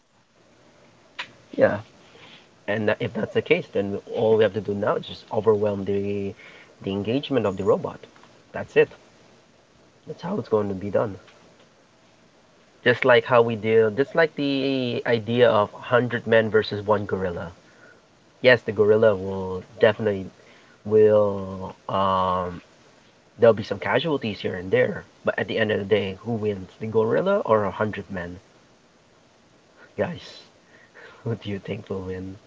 Speaker 1: Yeah, and that, if that's the case, then all we have to do now is just overwhelm the engagement of the robot. That's it. That's how it's going to be done. Just like how we deal, just like the idea of 100 men versus one gorilla. Yes, the gorilla will definitely will there'll be some casualties here and there, but at the end of the day, who wins, the gorilla or 100 men? Guys, who do you think will win?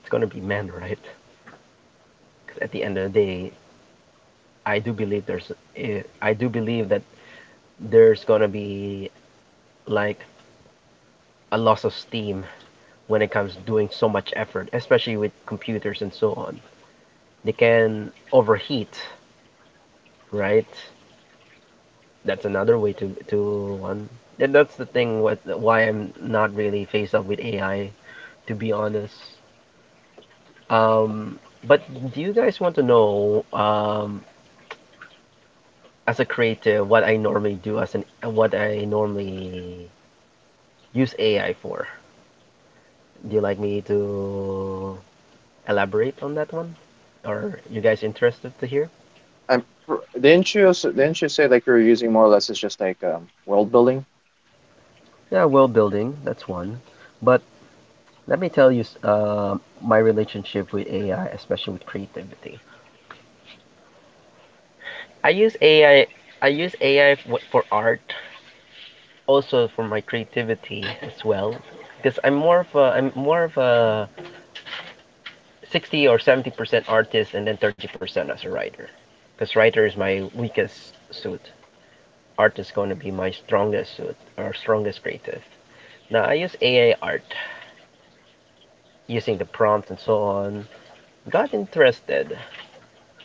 Speaker 1: It's gonna be men, right? Because at the end of the day, I do believe there's I do believe that there's gonna be, like, a loss of steam when it comes to doing so much effort, especially with computers and so on. They can overheat, right? That's another way to one. And that's the thing with why I'm not really faced up with AI, to be honest. Um, but do you guys want to know, as a creative, what I normally use AI for? Do you like me to elaborate on that one? Are you guys interested to hear?
Speaker 2: Um, didn't you say, like, you're using, more or less, it's just like, world building?
Speaker 1: Yeah, world building, that's one. But let me tell you, my relationship with AI, especially with creativity. I use AI. I use AI for art, also for my creativity as well, because I'm more of a 60 or 70% artist, and then 30% as a writer, because writer is my weakest suit. Art is going to be my strongest suit or strongest creative. Now I use AI art using the prompts and so on. Got interested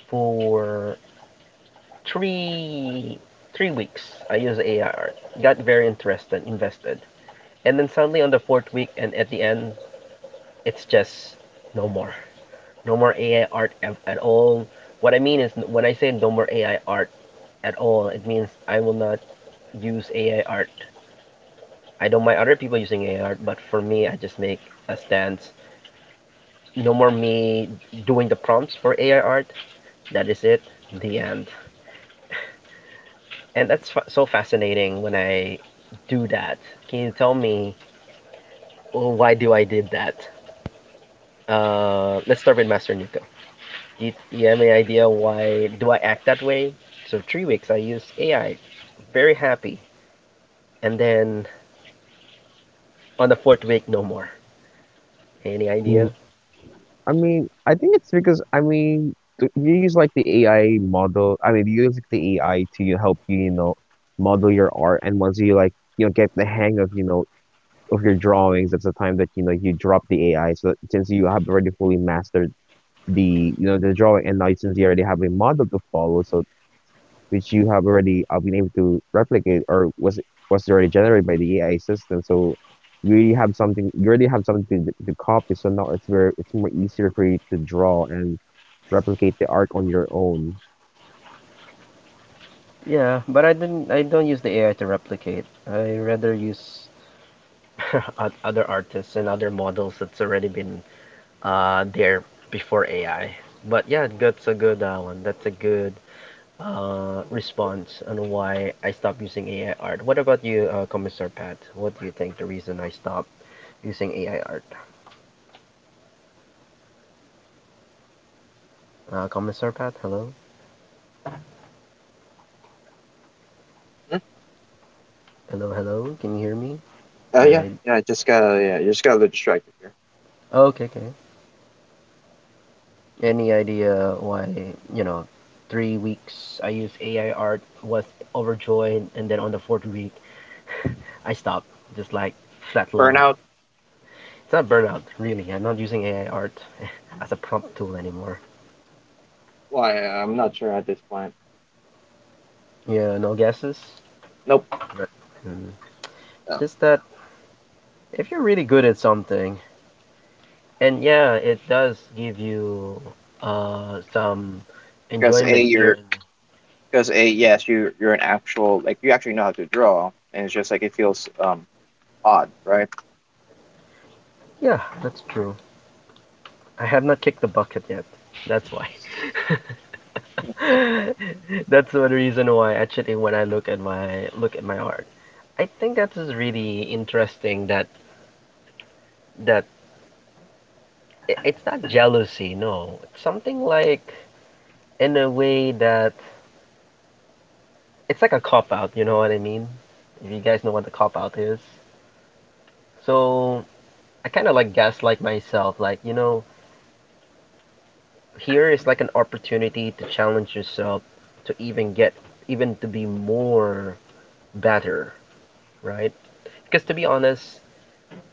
Speaker 1: for three three weeks. I used AR, got very interested, invested, and then suddenly on the fourth week and at the end, it's just no more, no more AI art at all. What I mean is, when I say no more AI art at all, it means I will not use AI art. I don't mind other people using AI art, but for me, I just make a stance. No more me doing the prompts for AI art. That is it. The end. And that's so fascinating when I do that. Can you tell me, oh, why do I did that? Let's start with Master Nico. Do you have any idea why do I act that way? So 3 weeks I use AI, very happy, and then on the fourth week no more. Any idea?
Speaker 3: Mm. I mean, I think it's because I mean, you use like the AI model. I mean, you use like, the AI to help you, model your art. And once you like, get the hang of, of your drawings, that's the time that, you drop the AI. So since you have already fully mastered the the drawing and license, you already have a model to follow, so which you have already been able to replicate, or was already generated by the AI system. So you already have something, you already have something to copy, so now it's where it's more easier for you to draw and replicate the art on your own.
Speaker 1: Yeah, but I didn't. I don't use the AI to replicate. I rather use. Other artists and other models that's already been there before AI. But yeah, that's a good one. That's a good response on why I stopped using AI art. What about you, Commissar Pat? What do you think the reason I stopped using AI art? Commissar Pat, hello? Hello, hello? Can you hear me?
Speaker 2: Yeah,
Speaker 1: I...
Speaker 2: yeah. Yeah, you just gotta look distracted here.
Speaker 1: oh, okay, okay. Any idea why, you know, 3 weeks I used AI art, was overjoyed, and then on the fourth week, I stopped. Just like flatline.
Speaker 2: Burnout?
Speaker 1: It's not burnout, really. I'm not using AI art as a prompt tool anymore.
Speaker 2: Why? I'm not sure at this point.
Speaker 1: Yeah, no guesses?
Speaker 2: Nope.
Speaker 1: But, mm. It's
Speaker 2: No.
Speaker 1: just that if you're really good at something, and yeah, it does give you some
Speaker 2: Because a,
Speaker 1: enjoyment here
Speaker 2: you're
Speaker 1: and
Speaker 2: because a, yes, you're an actual, like, you actually know how to draw, and it's just like, it feels odd, right?
Speaker 1: there. Yeah, that's true. I have not kicked the bucket yet. That's why. That's one reason why actually when I look at my art, I think that is really interesting that that it's not jealousy, no. It's something like, in a way, that it's like a cop out, you know what I mean? If you guys know what the cop out is. So I kind of like gaslight myself. Like, here is like an opportunity to challenge yourself to even to be more better, right? Because to be honest,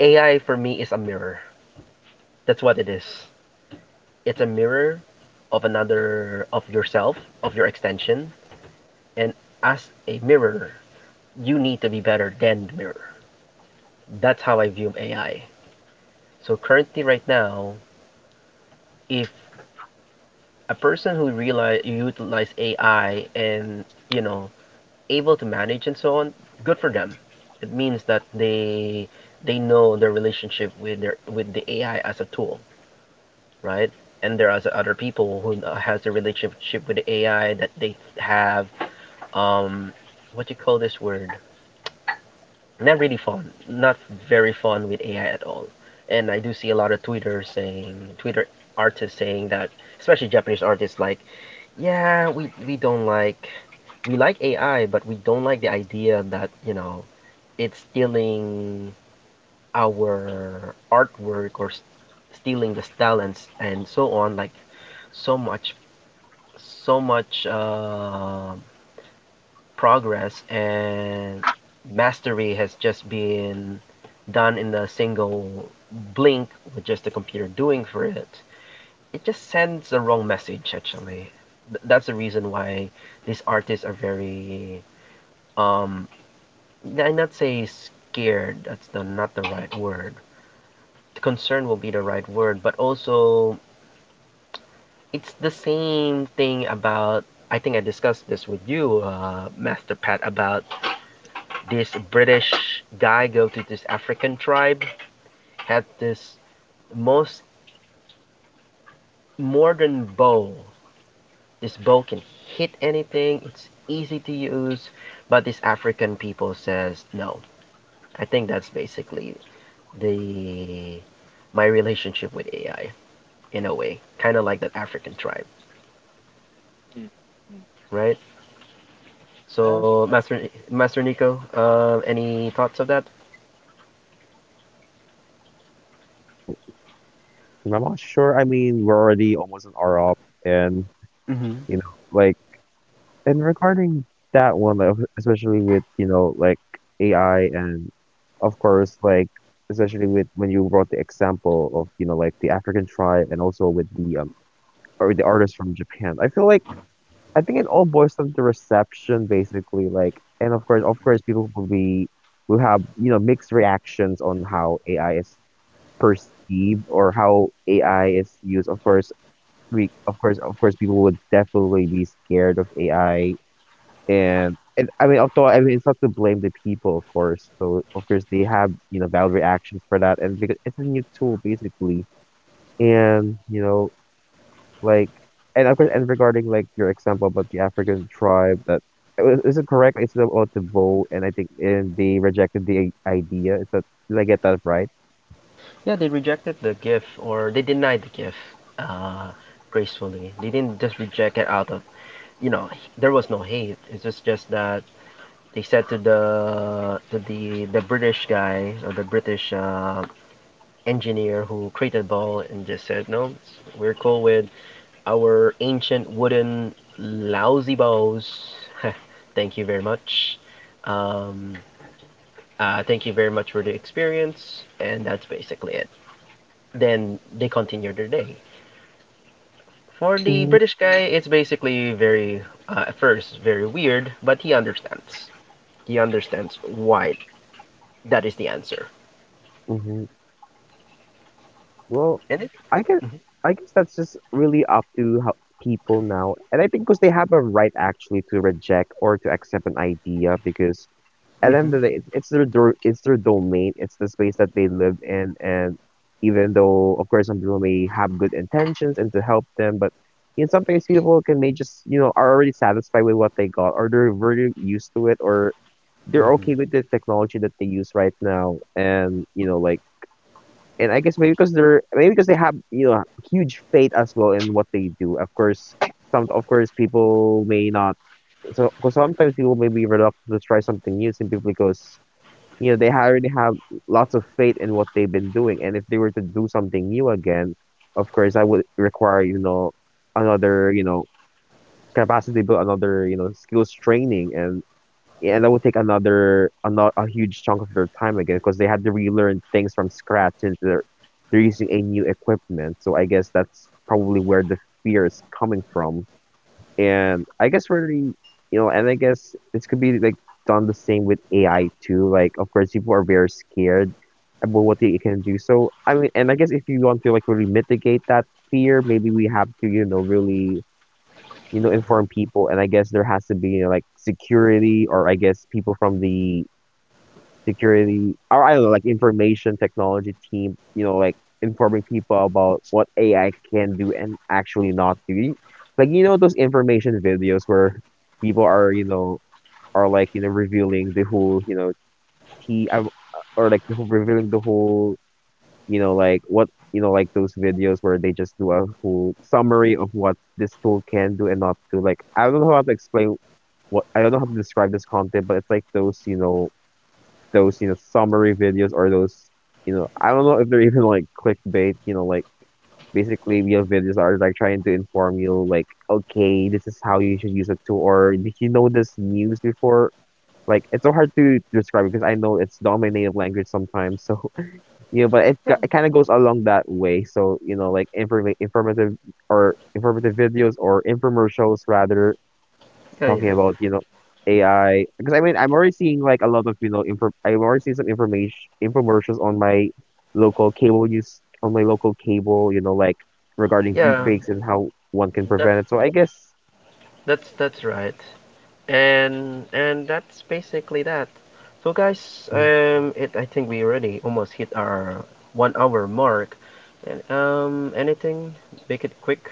Speaker 1: AI for me is a mirror. That's what it is. It's a mirror of another, of yourself, of your extension. And as a mirror, you need to be better than the mirror. That's how I view AI. So currently, right now, if a person who realize utilize AI and able to manage and so on, good for them. It means that they know their relationship with their with the AI as a tool, right? And there are other people who has a relationship with the AI that they have um what do you call this word, not really fun, not very fun with AI at all. And I do see a lot of Twitter artists saying that, especially Japanese artists, like, yeah, we don't like, we like AI, but we don't like the idea that, it's stealing our artwork or stealing the style, and, so on, like, so much, so much, progress and mastery has just been done in a single blink with just the computer doing for it. It just sends the wrong message, actually. That's the reason why these artists are very, um I not say scared, that's not the right word. Concern will be the right word, but also it's the same thing about, I think I discussed this with you, Master Pat, about this British guy go to this African tribe, had this most modern bow. This bow can hit anything. It's easy to use, but this African people says no. I think that's basically the my relationship with AI, in a way, kind of like that African tribe,
Speaker 2: Mm. Mm.
Speaker 1: right?
Speaker 2: Uh,
Speaker 1: So, Master Nico, any thoughts of that?
Speaker 3: Well, I'm not sure. I mean, we're already almost an hour up, and
Speaker 1: Hmm.
Speaker 3: like. And regarding that one, like, especially with, like AI, and of course, like especially with when you brought the example of, like the African tribe, and also with the or the artist from Japan. I feel like, I think it all boils down to reception basically, like. And of course people will be will have, mixed reactions on how AI is perceived or how AI is used. Of course, of course people would definitely be scared of AI, and it, I mean, although I mean, it's not to blame the people, of course. So of course they have valid reactions for that, and because it's a new tool basically, and like, and of course, and regarding like your example about the African tribe that is it correct? It's about the vote, and I think and they rejected the idea. Is that, did I get that right?
Speaker 1: Yeah, they rejected the gift, or they denied the gift uh, gracefully. They didn't just reject it out of, you know there was no hate. It's just that they said to the British guy, or the British engineer who created the ball, and just said no, we're cool with our ancient wooden lousy bows. Thank you very much. Um, Thank you very much for the experience, and that's basically it. Then they continued their day. For the
Speaker 3: Mm-hmm.
Speaker 1: British guy, it's basically at first, very weird, but he understands. He understands why that is the answer.
Speaker 3: Well,
Speaker 1: And it,
Speaker 3: I guess
Speaker 1: mm-hmm.
Speaker 3: I guess that's just really up to how people now, and I think because they have a right actually to reject or to accept an idea, because at the
Speaker 1: Mm-hmm.
Speaker 3: end of the day, it's their it's their domain, it's the space that they live in, and even though of course some people may have good intentions and to help them, but in some cases people can may just are already satisfied with what they got, or they're very used to it, or they're
Speaker 1: Mm-hmm.
Speaker 3: okay with the technology that they use right now, and like, and I guess maybe because they have huge faith as well in what they do. Of course, some of course people may not, so because sometimes people may be reluctant to try something new simply because they already have lots of faith in what they've been doing, and if they were to do something new again, of course that would require another capacity build, another skills training, and yeah, and that would take another a huge chunk of their time again because they had to relearn things from scratch since they're using a new equipment. So I guess that's probably where the fear is coming from. And I guess really, and I guess this could be like done the same with AI too. Like, of course, people are very scared about what they can do. So I mean, and I guess if you want to like really mitigate that fear, maybe we have to, really inform people, and I guess there has to be like security, or I guess people from the security, or I don't know, like information technology team, like informing people about what AI can do and actually not do. Like, those information videos where people are, are like, revealing the whole, T I- or like the whole revealing the whole, like what like those videos where they just do a whole summary of what this tool can do and not do. Like, I don't know how to explain what, I don't know how to describe this content, but it's like those, those, summary videos, or those, I don't know if they're even like clickbait, like basically we have videos that are like trying to inform you like, okay, this is how you should use a tool, or did you know this news before? Like it's so hard to describe because I know it's not my native language sometimes. So yeah, but it it kind of goes along that way. So like informative or informative videos or infomercials rather
Speaker 1: Yeah, yeah,
Speaker 3: talking about, AI. Because I mean, I'm already seeing like a lot of, you know, inform I'm already seeing some information infomercials on my local cable use on my local cable, like regarding
Speaker 1: yeah.
Speaker 3: deepfakes and how one can
Speaker 1: That
Speaker 3: prevent it. So I guess
Speaker 1: that's right. And that's basically that. So guys, it I think we already almost hit our 1 hour mark. And Anything, make it quick,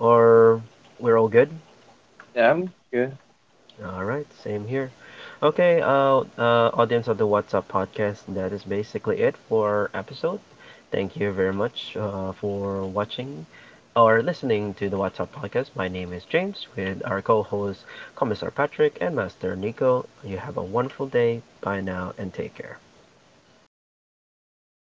Speaker 1: or we're all good.
Speaker 2: yeah, I'm good.
Speaker 1: All right, same here. Okay, audience of the What's Up podcast, that is basically it for our episode. Thank you very much for watching or listening to the What's Up podcast. My name is James, with our co hosts, Commissar Patrick and Master Nico. You have a wonderful day. Bye now and take care.